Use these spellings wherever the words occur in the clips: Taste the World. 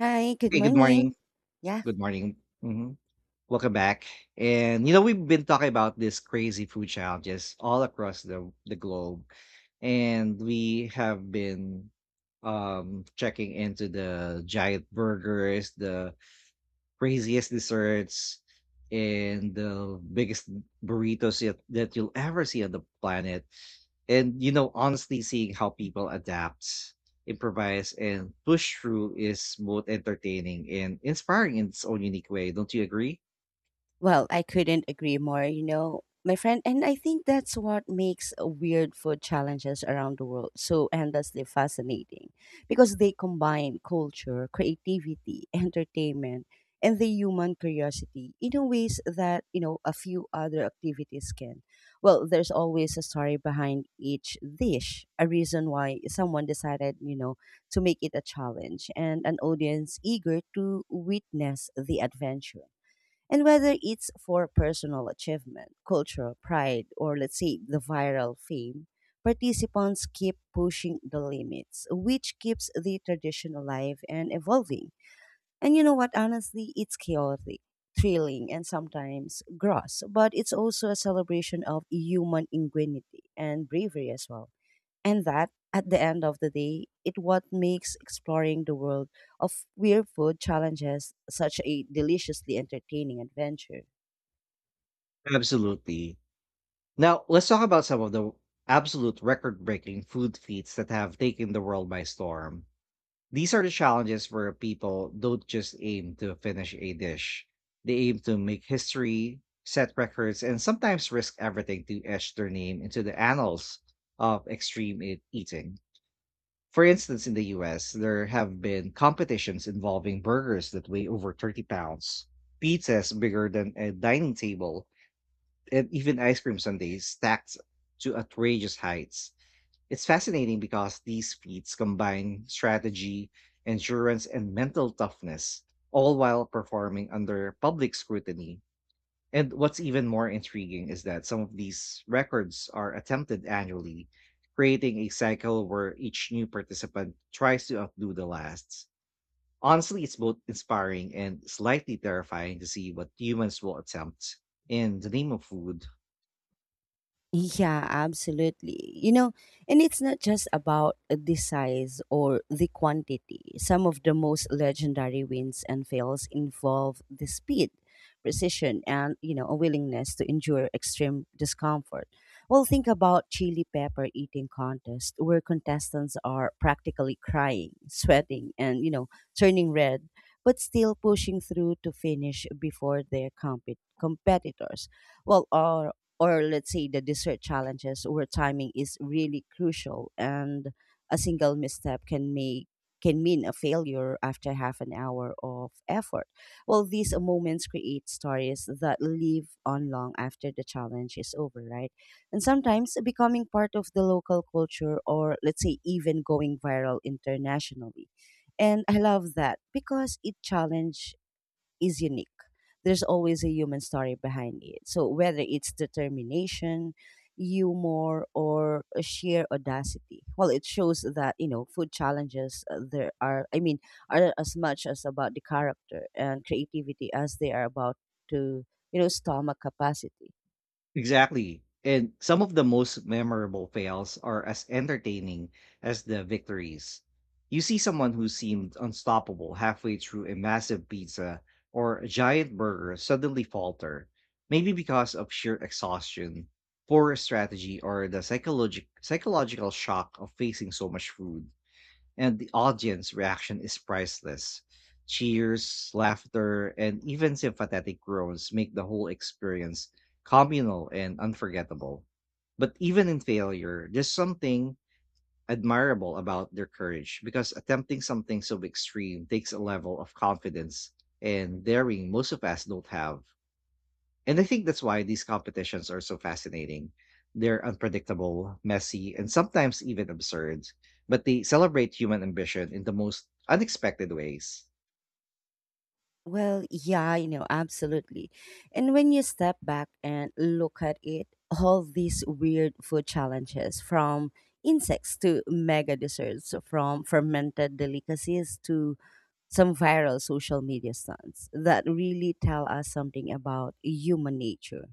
Hi, good Hey, good morning. morning. Yeah. Good morning. Mhm. Welcome back. And you know, we've been talking about this crazy food challenges all across the globe, and we have been checking into the giant burgers, the craziest desserts and the biggest burritos yet, that you'll ever see on the planet. And you know, honestly, seeing how people adapt, improvise, and push through is both entertaining and inspiring in its own unique way. Don't you agree? Well, I couldn't agree more, you know, my friend. And I think that's what makes weird food challenges around the world so endlessly fascinating because they combine culture, creativity, entertainment, and the human curiosity in a ways that, you know, a few other activities can. Well, there's always a story behind each dish, a reason why someone decided, you know, to make it a challenge, and an audience eager to witness the adventure. And whether it's for personal achievement, cultural pride, or let's say the viral fame, participants keep pushing the limits, which keeps the tradition alive and evolving. And you know what? Honestly, it's chaotic, thrilling, and sometimes gross, but it's also a celebration of human ingenuity and bravery as well. And that, at the end of the day, it what makes exploring the world of weird food challenges such a deliciously entertaining adventure. Absolutely. Now, let's talk about some of the absolute record breaking food feats that have taken the world by storm. These are the challenges where people don't just aim to finish a dish. They aim to make history, set records, and sometimes risk everything to etch their name into the annals of extreme eating. For instance, in the US, there have been competitions involving burgers that weigh over 30 pounds, pizzas bigger than a dining table, and even ice cream sundaes stacked to outrageous heights. It's fascinating because these feats combine strategy, endurance, and mental toughness, all while performing under public scrutiny. And what's even more intriguing is that some of these records are attempted annually, creating a cycle where each new participant tries to outdo the last. Honestly, it's both inspiring and slightly terrifying to see what humans will attempt in the name of food. Yeah, absolutely. You know, and it's not just about the size or the quantity. Some of the most legendary wins and fails involve the speed, precision, and, you know, a willingness to endure extreme discomfort. Well, think about chili pepper eating contest where contestants are practically crying, sweating, and, you know, turning red, but still pushing through to finish before their competitors, well, or let's say the dessert challenges where timing is really crucial and a single misstep can mean a failure after half an hour of effort. Well, these moments create stories that live on long after the challenge is over, right? And sometimes becoming part of the local culture, or let's say even going viral internationally. And I love that because it challenge is unique. There's always a human story behind it. So whether it's determination, humor, or a sheer audacity, well, it shows that, you know, food challenges there are. I mean, are as much as about the character and creativity as they are about to, you know, stomach capacity. Exactly. And some of the most memorable fails are as entertaining as the victories. You see someone who seemed unstoppable halfway through a massive pizza or a giant burger suddenly falter, maybe because of sheer exhaustion, poor strategy, or the psychological shock of facing so much food, and the audience reaction is priceless. Cheers, laughter, and even sympathetic groans make the whole experience communal and unforgettable. But even in failure, there's something admirable about their courage, because attempting something so extreme takes a level of confidence and daring most of us don't have. And I think that's why these competitions are so fascinating. They're unpredictable, messy, and sometimes even absurd, but they celebrate human ambition in the most unexpected ways. Well, yeah, you know, absolutely. And when you step back and look at it, all these weird food challenges, from insects to mega desserts, from fermented delicacies to some viral social media stunts, that really tell us something about human nature.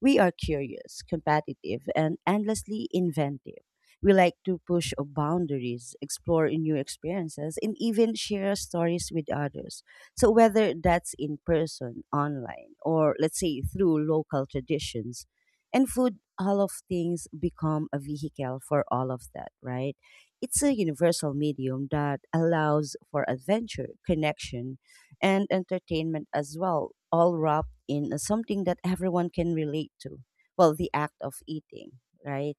We are curious, competitive, and endlessly inventive. We like to push boundaries, explore new experiences, and even share stories with others. So, whether that's in person, online, or let's say through local traditions and food, all of things become a vehicle for all of that, right? It's a universal medium that allows for adventure, connection, and entertainment as well, all wrapped in something that everyone can relate to. Well, the act of eating, right?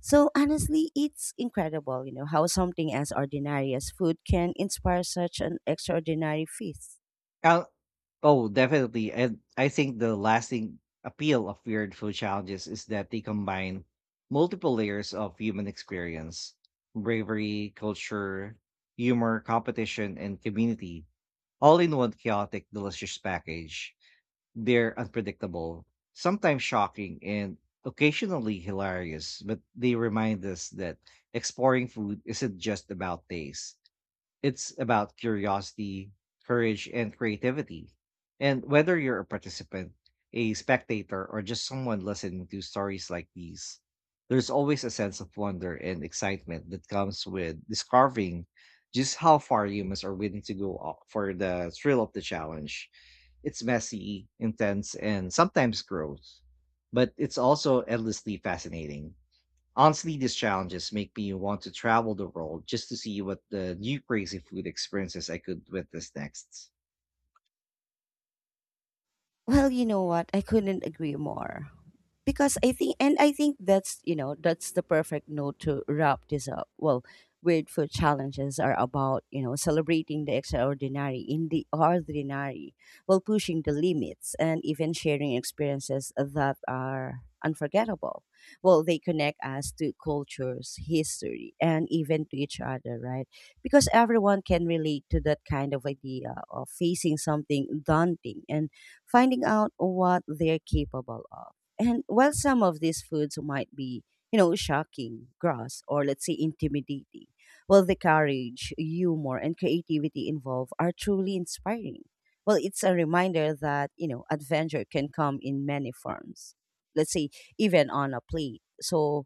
So honestly, it's incredible, you know, how something as ordinary as food can inspire such an extraordinary feast. Uh, oh, definitely. And I think the lasting appeal of weird food challenges is that they combine multiple layers of human experience: bravery, culture, humor, competition, and community, all in one chaotic, delicious package. They're unpredictable, sometimes shocking, and occasionally hilarious, but they remind us that exploring food isn't just about taste, it's about curiosity, courage, and creativity. And whether you're a participant, a spectator, or just someone listening to stories like these, there's always a sense of wonder and excitement that comes with discovering just how far humans are willing to go for the thrill of the challenge. It's messy, intense, and sometimes gross, but it's also endlessly fascinating. Honestly, these challenges make me want to travel the world just to see what the new crazy food experiences I could witness next. Well, you know what? I couldn't agree more. Because I think, and I think that's, you know, that's the perfect note to wrap this up. Well, weird food challenges are about, you know, celebrating the extraordinary in the ordinary while pushing the limits and even sharing experiences that are unforgettable. Well, they connect us to cultures, history, and even to each other, right? Because everyone can relate to that kind of idea of facing something daunting and finding out what they're capable of. And while some of these foods might be, you know, shocking, gross, or let's say intimidating, well, the courage, humor, and creativity involved are truly inspiring. Well, it's a reminder that, you know, adventure can come in many forms. Let's say, even on a plate. So,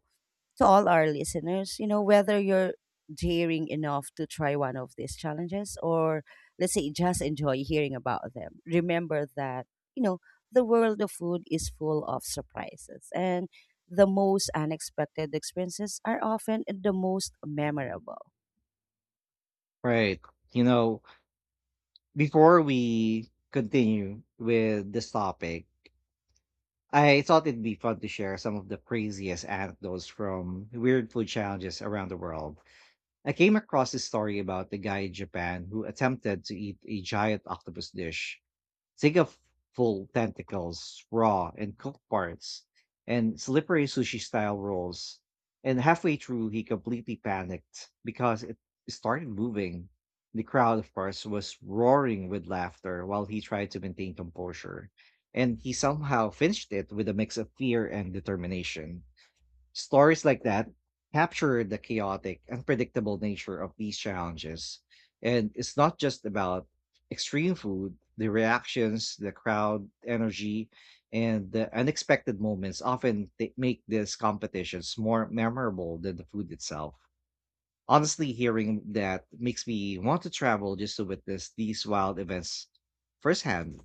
to all our listeners, you know, whether you're daring enough to try one of these challenges or let's say just enjoy hearing about them, remember that, you know, the world of food is full of surprises and the most unexpected experiences are often the most memorable. Right. You know, before we continue with this topic, I thought it'd be fun to share some of the craziest anecdotes from weird food challenges around the world. I came across this story about the guy in Japan who attempted to eat a giant octopus dish. Think of full tentacles, raw and cooked parts, and slippery sushi style rolls. And halfway through, he completely panicked because it started moving. The crowd, of course, was roaring with laughter while he tried to maintain composure. And he somehow finished it with a mix of fear and determination. Stories like that capture the chaotic, unpredictable nature of these challenges. And it's not just about extreme food, the reactions, the crowd energy, and the unexpected moments often make these competitions more memorable than the food itself. Honestly, hearing that makes me want to travel just to witness these wild events firsthand.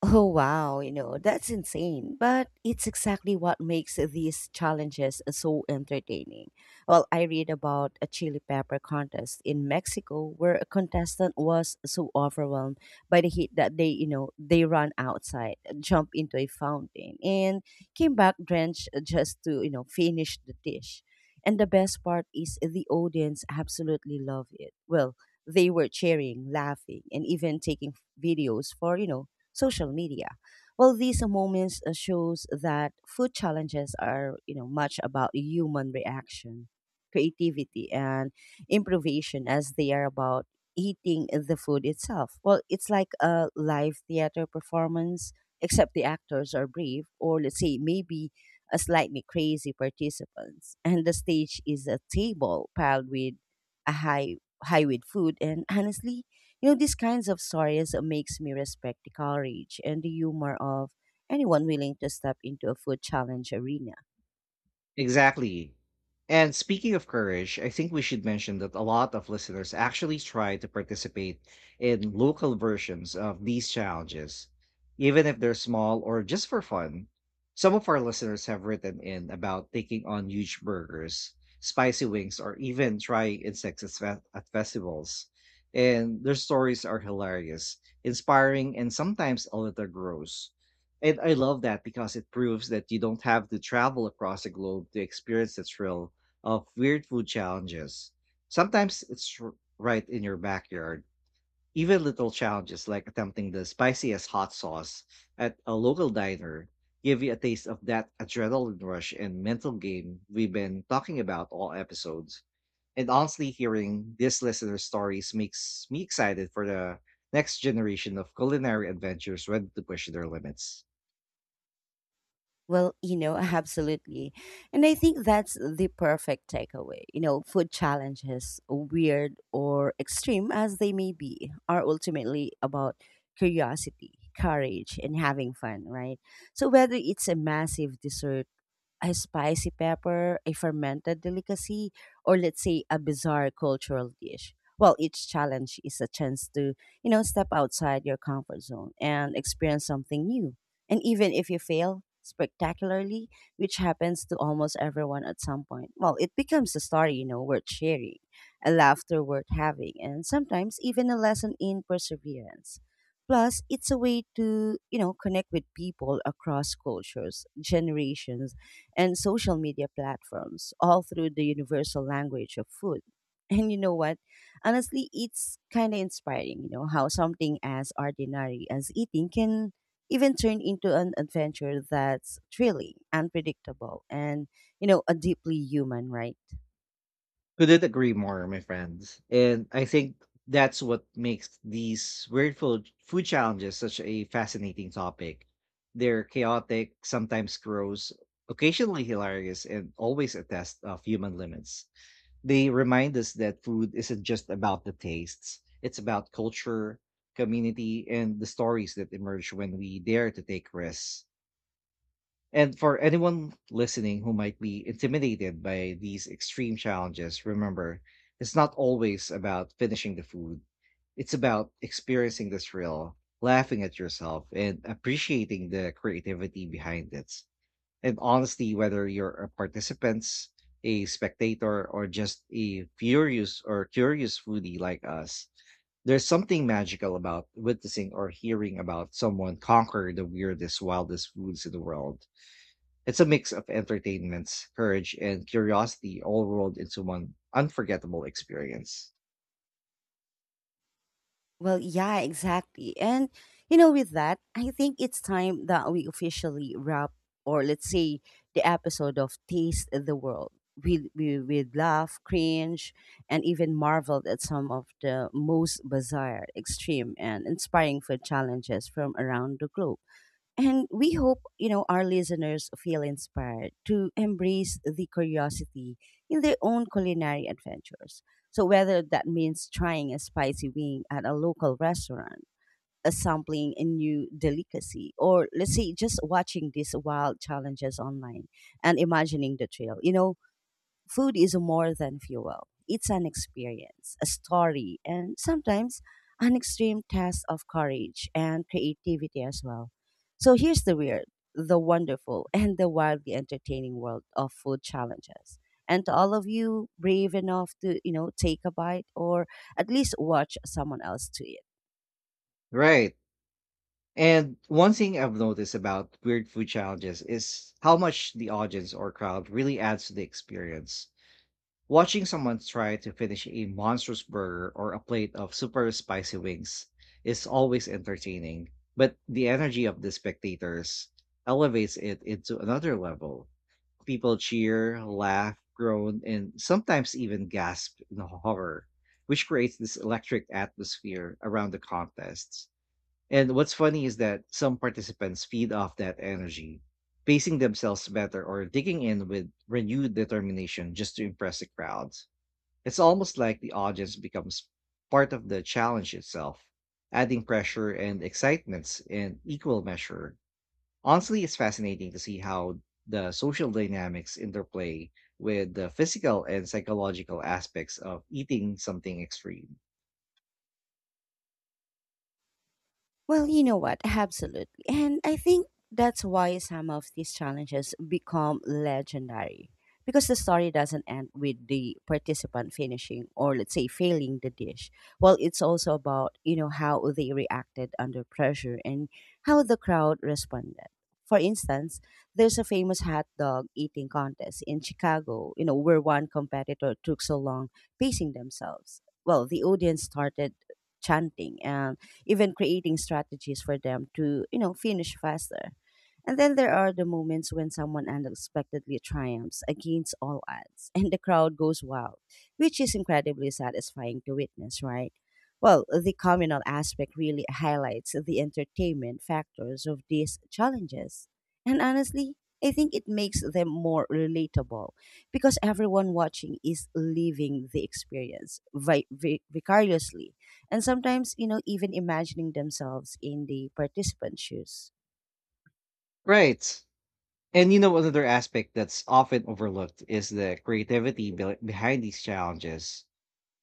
Oh, wow, you know, that's insane. But it's exactly what makes these challenges so entertaining. Well, I read about a chili pepper contest in Mexico where a contestant was so overwhelmed by the heat that they ran outside, jumped into a fountain, and came back drenched just to, you know, finish the dish. And the best part is the audience absolutely love it. Well, they were cheering, laughing, and even taking videos for, you know, social media. Well, these moments shows that food challenges are, you know, much about human reaction, creativity, and improvisation as they are about eating the food itself. Well, it's like a live theater performance, except the actors are brave, or let's say maybe a slightly crazy participants. And the stage is a table piled with a high high with food. And honestly, you know, these kinds of stories makes me respect the courage and the humor of anyone willing to step into a food challenge arena. Exactly. And speaking of courage, I think we should mention that a lot of listeners actually try to participate in local versions of these challenges, even if they're small or just for fun. Some of our listeners have written in about taking on huge burgers, spicy wings, or even trying insects at at festivals. And their stories are hilarious, inspiring, and sometimes a little gross. And I love that because it proves that you don't have to travel across the globe to experience the thrill of weird food challenges. Sometimes it's right in your backyard. Even little challenges like attempting the spiciest hot sauce at a local diner give you a taste of that adrenaline rush and mental game we've been talking about all episodes. And honestly, hearing these listener stories makes me excited for the next generation of culinary adventures ready to push their limits. Well, you know, absolutely. And I think that's the perfect takeaway. You know, food challenges, weird or extreme as they may be, are ultimately about curiosity, courage, and having fun, right? So whether it's a massive dessert, a spicy pepper, a fermented delicacy, or let's say a bizarre cultural dish. Well, each challenge is a chance to, you know, step outside your comfort zone and experience something new. And even if you fail spectacularly, which happens to almost everyone at some point, well, it becomes a story, you know, worth sharing, a laughter worth having, and sometimes even a lesson in perseverance. Plus, it's a way to, you know, connect with people across cultures, generations, and social media platforms, all through the universal language of food. And you know what? Honestly, it's kind of inspiring, you know, how something as ordinary as eating can even turn into an adventure that's thrilling, unpredictable, and, you know, a deeply human, right? Couldn't agree more, my friends. And I think that's what makes these weird food challenges such a fascinating topic. They're chaotic, sometimes gross, occasionally hilarious, and always a test of human limits. They remind us that food isn't just about the tastes, it's about culture, community, and the stories that emerge when we dare to take risks. And for anyone listening who might be intimidated by these extreme challenges, remember, it's not always about finishing the food. It's about experiencing the thrill, laughing at yourself, and appreciating the creativity behind it. And honestly, whether you're a participant, a spectator, or just a furious or curious foodie like us, there's something magical about witnessing or hearing about someone conquer the weirdest, wildest foods in the world. It's a mix of entertainments, courage, and curiosity all rolled into one unforgettable experience. Well, yeah, exactly. And, you know, with that, I think it's time that we officially wrap, or let's say, the episode of Taste the World. We'd laugh, cringe, and even marveled at some of the most bizarre, extreme, and inspiring food challenges from around the globe. And we hope, you know, our listeners feel inspired to embrace the curiosity in their own culinary adventures. So whether that means trying a spicy wing at a local restaurant, a sampling a new delicacy, or let's say just watching these wild challenges online and imagining the trail. You know, food is more than fuel. It's an experience, a story, and sometimes an extreme test of courage and creativity as well. So here's the weird, the wonderful, and the wildly entertaining world of food challenges. And to all of you brave enough to, you know, take a bite or at least watch someone else to it. Right. And one thing I've noticed about weird food challenges is how much the audience or crowd really adds to the experience. Watching someone try to finish a monstrous burger or a plate of super spicy wings is always entertaining, but the energy of the spectators elevates it into another level. People cheer, laugh, groan, and sometimes even gasp in horror, which creates this electric atmosphere around the contests. And what's funny is that some participants feed off that energy, pacing themselves better or digging in with renewed determination just to impress the crowds. It's almost like the audience becomes part of the challenge itself, adding pressure and excitement in equal measure. Honestly, it's fascinating to see how the social dynamics interplay with the physical and psychological aspects of eating something extreme. Well, you know what? Absolutely. And I think that's why some of these challenges become legendary because the story doesn't end with the participant finishing or let's say failing the dish. Well, it's also about, you know, how they reacted under pressure and how the crowd responded. For instance, there's a famous hot dog eating contest in Chicago, you know, where one competitor took so long pacing themselves. Well, the audience started chanting, and even creating strategies for them to, you know, finish faster. And then there are the moments when someone unexpectedly triumphs against all odds, and the crowd goes wild, which is incredibly satisfying to witness, right? Well, the communal aspect really highlights the entertainment factors of these challenges. And honestly, I think it makes them more relatable because everyone watching is living the experience vicariously, and sometimes, you know, even imagining themselves in the participants shoes. Right. And you know, another aspect that's often overlooked is the creativity behind these challenges.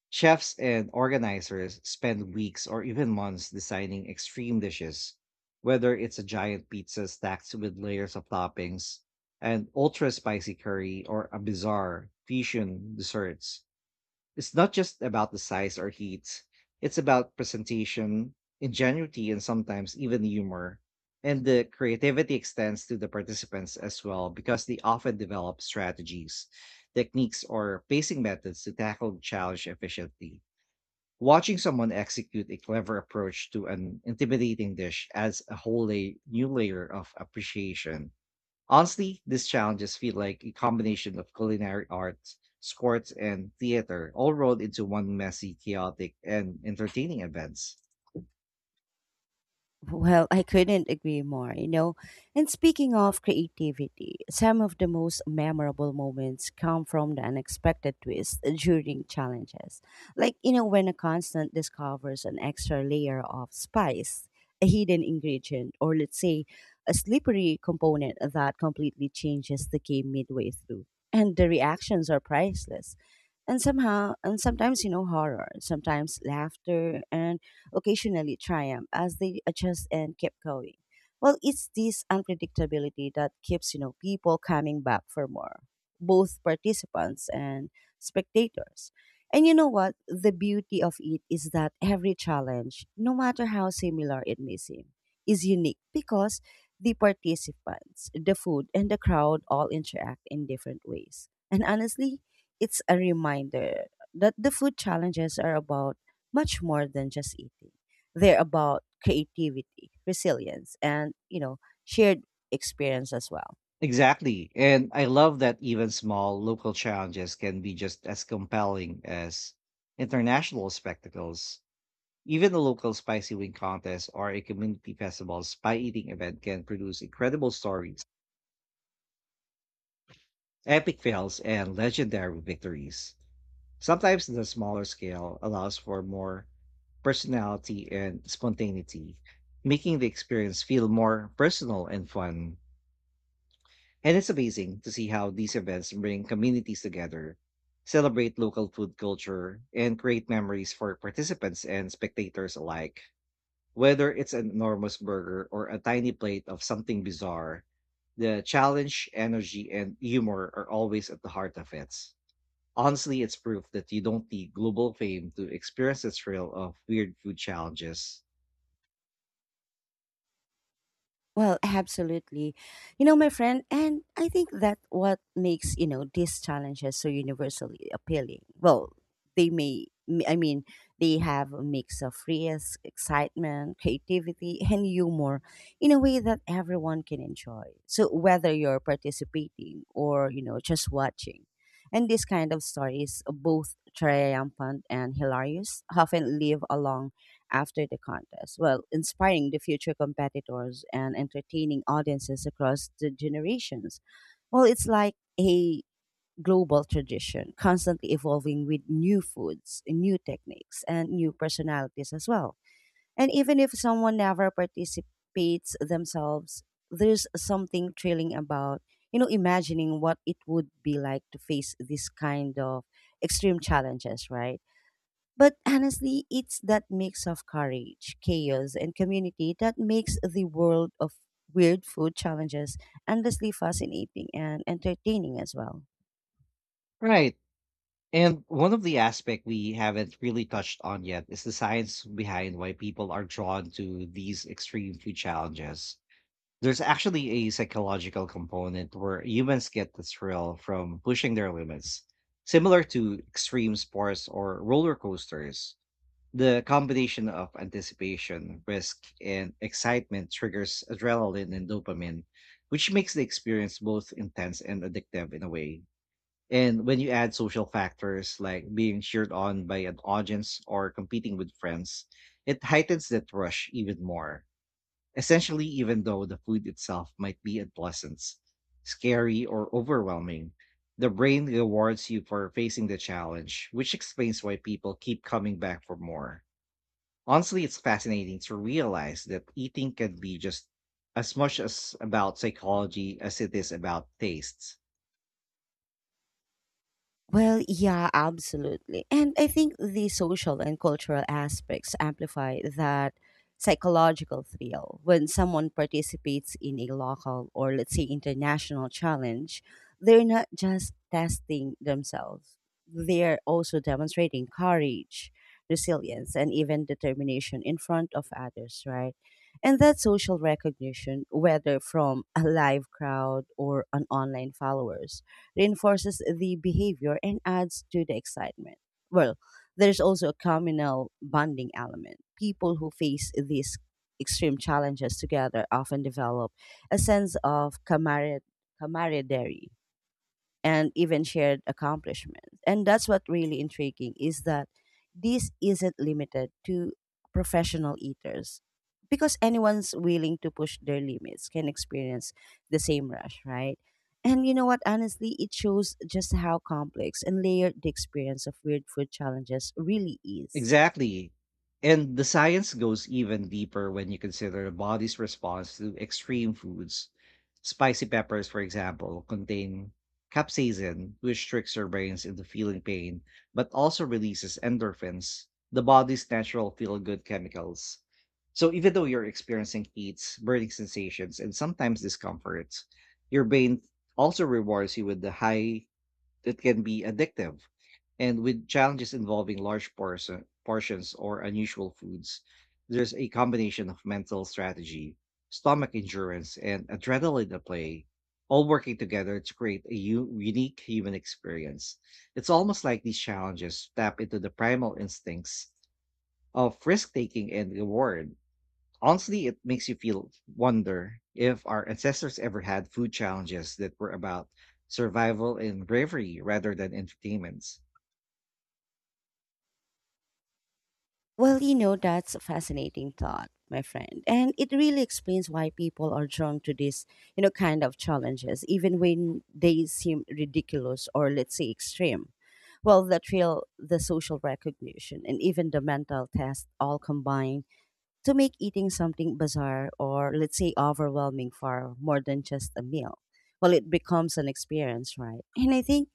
Chefs and organizers spend weeks or even months designing extreme dishes, whether it's a giant pizza stacked with layers of toppings, an ultra spicy curry, or a bizarre fusion desserts. It's not just about the size or heat. It's about presentation, ingenuity, and sometimes even humor. And the creativity extends to the participants as well, because they often develop strategies, techniques, or pacing methods to tackle the challenge efficiently. Watching someone execute a clever approach to an intimidating dish adds a whole new layer of appreciation. Honestly, these challenges feel like a combination of culinary arts, sports, and theater, all rolled into one messy, chaotic, and entertaining events. Well, I couldn't agree more, you know. And speaking of creativity, some of the most memorable moments come from the unexpected twist during challenges. Like, you know, when a constant discovers an extra layer of spice, a hidden ingredient, or let's say a slippery component that completely changes the game midway through. And the reactions are priceless. And somehow, and sometimes, you know, horror, sometimes laughter, and occasionally triumph as they adjust and kept going. Well, it's this unpredictability that keeps, you know, people coming back for more, both participants and spectators. And you know what? The beauty of it is that every challenge, no matter how similar it may seem, is unique because the participants, the food, and the crowd all interact in different ways. And honestly, it's a reminder that the food challenges are about much more than just eating. They're about creativity, resilience, and, you know, shared experience as well. Exactly. And I love that even small local challenges can be just as compelling as international spectacles. Even a local spicy wing contest or a community festival's pie eating event can produce incredible stories, epic fails, and legendary victories. Sometimes the smaller scale allows for more personality and spontaneity, making the experience feel more personal and fun. And it's amazing to see how these events bring communities together, celebrate local food culture, and create memories for participants and spectators alike. Whether it's an enormous burger or a tiny plate of something bizarre, the challenge, energy, and humor are always at the heart of it. Honestly, it's proof that you don't need global fame to experience the thrill of weird food challenges. Well, absolutely. You know, my friend, and I think that what makes, you know, these challenges so universally appealing. Well, they may, I mean, they have a mix of risk, excitement, creativity, and humor in a way that everyone can enjoy. So, whether you're participating or, you know, just watching. And these kind of stories, both triumphant and hilarious, often live along after the contest, well, inspiring the future competitors and entertaining audiences across the generations. Well, it's like a global tradition, constantly evolving with new foods, new techniques, and new personalities as well. And even if someone never participates themselves, there's something thrilling about, imagining what it would be like to face this kind of extreme challenges, right? But honestly, it's that mix of courage, chaos, and community that makes the world of weird food challenges endlessly fascinating and entertaining as well. Right. And one of the aspect we haven't really touched on yet is the science behind why people are drawn to these extreme food challenges. There's actually a psychological component where humans get the thrill from pushing their limits, similar to extreme sports or roller coasters. The combination of anticipation, risk, and excitement triggers adrenaline and dopamine, which makes the experience both intense and addictive in a way. And when you add social factors like being cheered on by an audience or competing with friends, it heightens that rush even more. Essentially, even though the food itself might be unpleasant, scary, or overwhelming, the brain rewards you for facing the challenge, which explains why people keep coming back for more. Honestly, it's fascinating to realize that eating can be just as much as about psychology as it is about tastes. Well, yeah, absolutely. And I think the social and cultural aspects amplify that psychological thrill. When someone participates in a local or, let's say, international challenge, they're not just testing themselves, they're also demonstrating courage, resilience, and even determination in front of others, right? And that social recognition, whether from a live crowd or an online followers reinforces the behavior and adds to the excitement. Well, there's also a communal bonding element. People who face these extreme challenges together often develop a sense of camaraderie and even shared accomplishments. And that's what really intriguing is that this isn't limited to professional eaters because anyone's willing to push their limits can experience the same rush, right? And you know what? Honestly, it shows just how complex and layered the experience of weird food challenges really is. Exactly. And the science goes even deeper when you consider the body's response to extreme foods. Spicy peppers, for example, contain capsaicin, which tricks your brains into feeling pain, but also releases endorphins, the body's natural feel good chemicals. So even though you're experiencing heats, burning sensations, and sometimes discomfort, your brain also rewards you with the high. It can be addictive, and with challenges involving portions or unusual foods, there's a combination of mental strategy, stomach endurance, and adrenaline at play, all working together to create a unique human experience. It's almost like these challenges tap into the primal instincts of risk taking and reward. Honestly, it makes you feel wonder if our ancestors ever had food challenges that were about survival and bravery rather than entertainments. Well, you know, that's a fascinating thought, my friend. And it really explains why people are drawn to this, you know, kind of challenges, even when they seem ridiculous or, let's say, extreme. Well, the thrill, the social recognition, and even the mental test all combine to make eating something bizarre or, let's say, overwhelming far more than just a meal. Well, it becomes an experience, right? And I think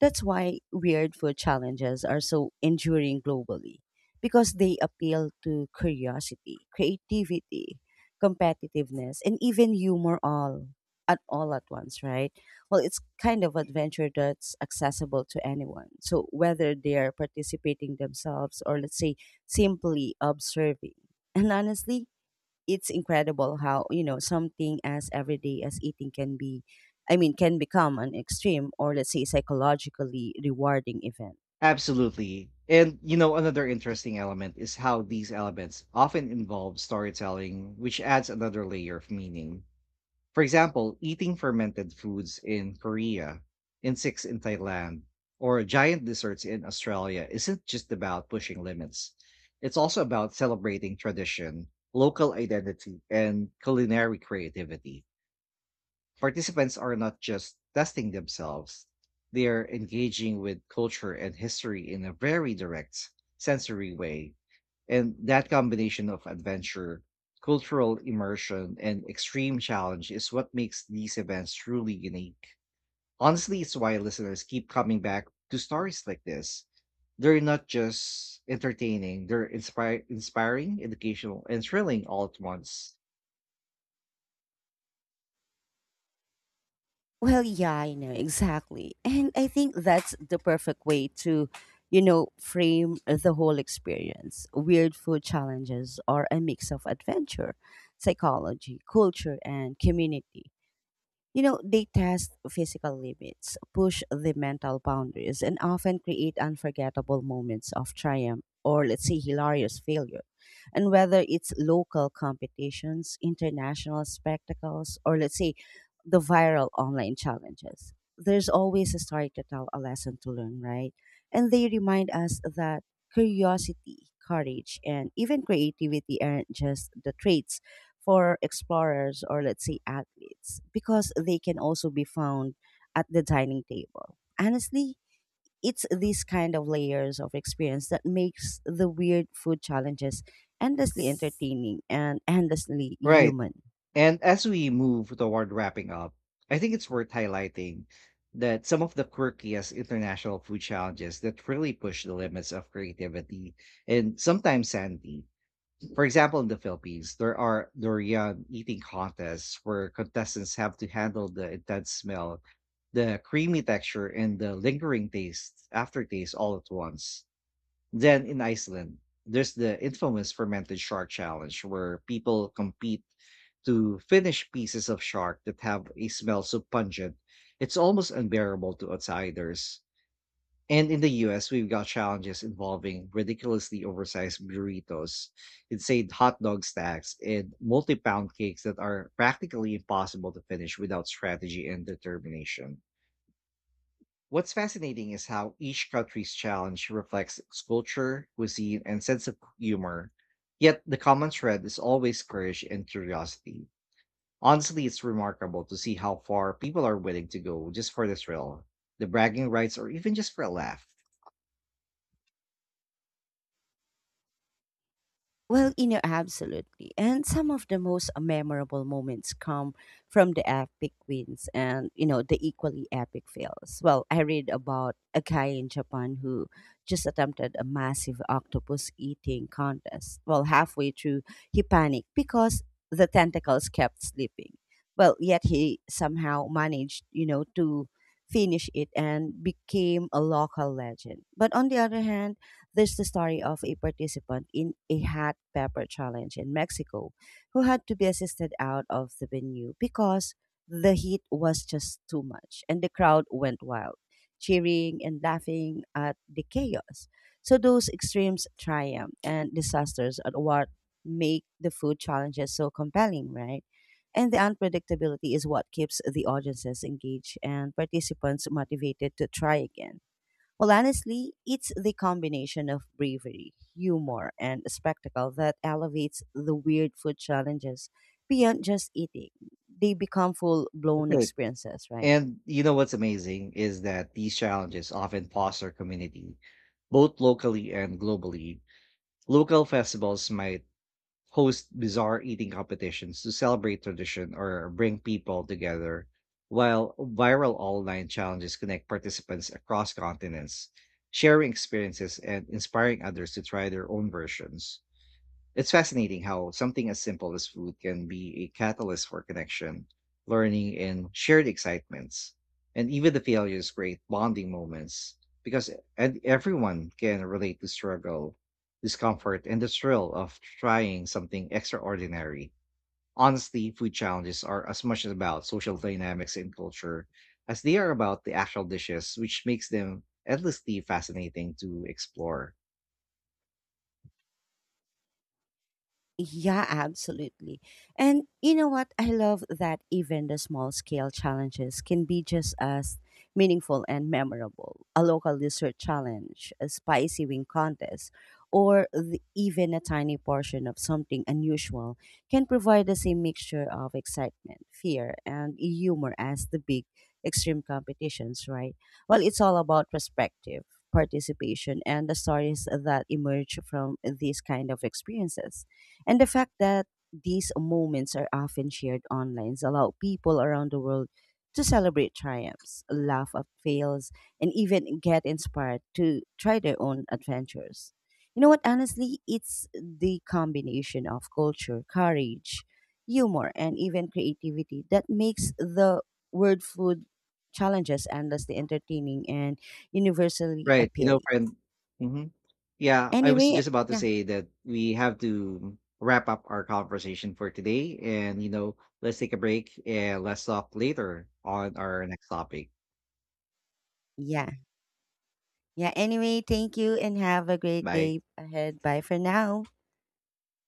that's why weird food challenges are so enduring globally because they appeal to curiosity, creativity, competitiveness, and even humor all at once, right? Well, it's kind of adventure that's accessible to anyone. So whether they're participating themselves or let's say simply observing. And honestly, it's incredible how you know something as everyday as eating can be, I mean, can become an extreme or, let's say, psychologically rewarding event. Absolutely. And you know, another interesting element is how these elements often involve storytelling, which adds another layer of meaning. For example, eating fermented foods in Korea, insects in Thailand, or giant desserts in Australia isn't just about pushing limits. It's also about celebrating tradition, local identity, and culinary creativity. Participants are not just testing themselves, they are engaging with culture and history in a very direct, sensory way. And that combination of adventure, cultural immersion, and extreme challenge is what makes these events truly unique. Honestly, it's why listeners keep coming back to stories like this. They're not just entertaining, they're inspiring, educational, and thrilling all at once. Well, yeah, I know, exactly. And I think that's the perfect way to, you know, frame the whole experience. Weird food challenges are a mix of adventure, psychology, culture, and community. You know, they test physical limits, push the mental boundaries, and often create unforgettable moments of triumph or, let's say, hilarious failure. And whether it's local competitions, international spectacles, or, let's say, the viral online challenges, there's always a story to tell, a lesson to learn, right? And they remind us that curiosity, courage, and even creativity aren't just the traits for explorers or let's say athletes because they can also be found at the dining table. Honestly, it's these kind of layers of experience that makes the weird food challenges endlessly entertaining and endlessly Right. human. And as we move toward wrapping up, I think it's worth highlighting that some of the quirkiest international food challenges that really push the limits of creativity and sometimes sanity. For example, in the Philippines, there are durian eating contests where contestants have to handle the intense smell, the creamy texture, and the lingering taste aftertaste all at once. Then in Iceland, there's the infamous fermented shark challenge where people compete to finish pieces of shark that have a smell so pungent it's almost unbearable to outsiders. And in the US, we've got challenges involving ridiculously oversized burritos, insane hot dog stacks, and multi pound cakes that are practically impossible to finish without strategy and determination. What's fascinating is how each country's challenge reflects its culture, cuisine, and sense of humor. Yet the common thread is always courage and curiosity. Honestly, it's remarkable to see how far people are willing to go just for the thrill, the bragging rights, or even just for a laugh. Well, you know, absolutely. And some of the most memorable moments come from the epic wins and, you know, the equally epic fails. Well, I read about a guy in Japan who just attempted a massive octopus eating contest. Well, halfway through, he panicked because the tentacles kept slipping. Well, yet he somehow managed, you know, to finish it and became a local legend. But on the other hand, there's the story of a participant in a hot pepper challenge in Mexico who had to be assisted out of the venue because the heat was just too much and the crowd went wild, cheering and laughing at the chaos. So those extremes triumph and disasters are what make the food challenges so compelling, right? And the unpredictability is what keeps the audiences engaged and participants motivated to try again. Well, honestly, it's the combination of bravery, humor, and spectacle that elevates the weird food challenges beyond just eating. They become full blown Right. experiences, right? And you know what's amazing is that these challenges often foster community, both locally and globally. Local festivals might host bizarre eating competitions to celebrate tradition or bring people together, while viral online challenges connect participants across continents, sharing experiences and inspiring others to try their own versions. It's fascinating how something as simple as food can be a catalyst for connection, learning, and shared excitements. And even the failures create bonding moments, because and everyone can relate to struggle, discomfort, and the thrill of trying something extraordinary. Honestly, food challenges are as much about social dynamics and culture as they are about the actual dishes, which makes them endlessly fascinating to explore. Yeah, absolutely. And you know what? I love that even the small scale challenges can be just as meaningful and memorable. A local dessert challenge, a spicy wing contest, or the, even a tiny portion of something unusual can provide the same mixture of excitement, fear, and humor as the big extreme competitions, right? Well, it's all about perspective, participation, and the stories that emerge from these kind of experiences. And the fact that these moments are often shared online allow people around the world to celebrate triumphs, laugh at fails, and even get inspired to try their own adventures. You know what? Honestly, it's the combination of culture, courage, humor, and even creativity that makes the word food challenges endlessly entertaining and universally Right. You know, appealing. friend. Mhm. Yeah, I was Anyway, just about to yeah, say that we have to wrap up our conversation for today. And, you know, let's take a break and let's talk later on our next topic. yeah. yeah. anyway, thank you and have a great Bye. day ahead. Bye for now.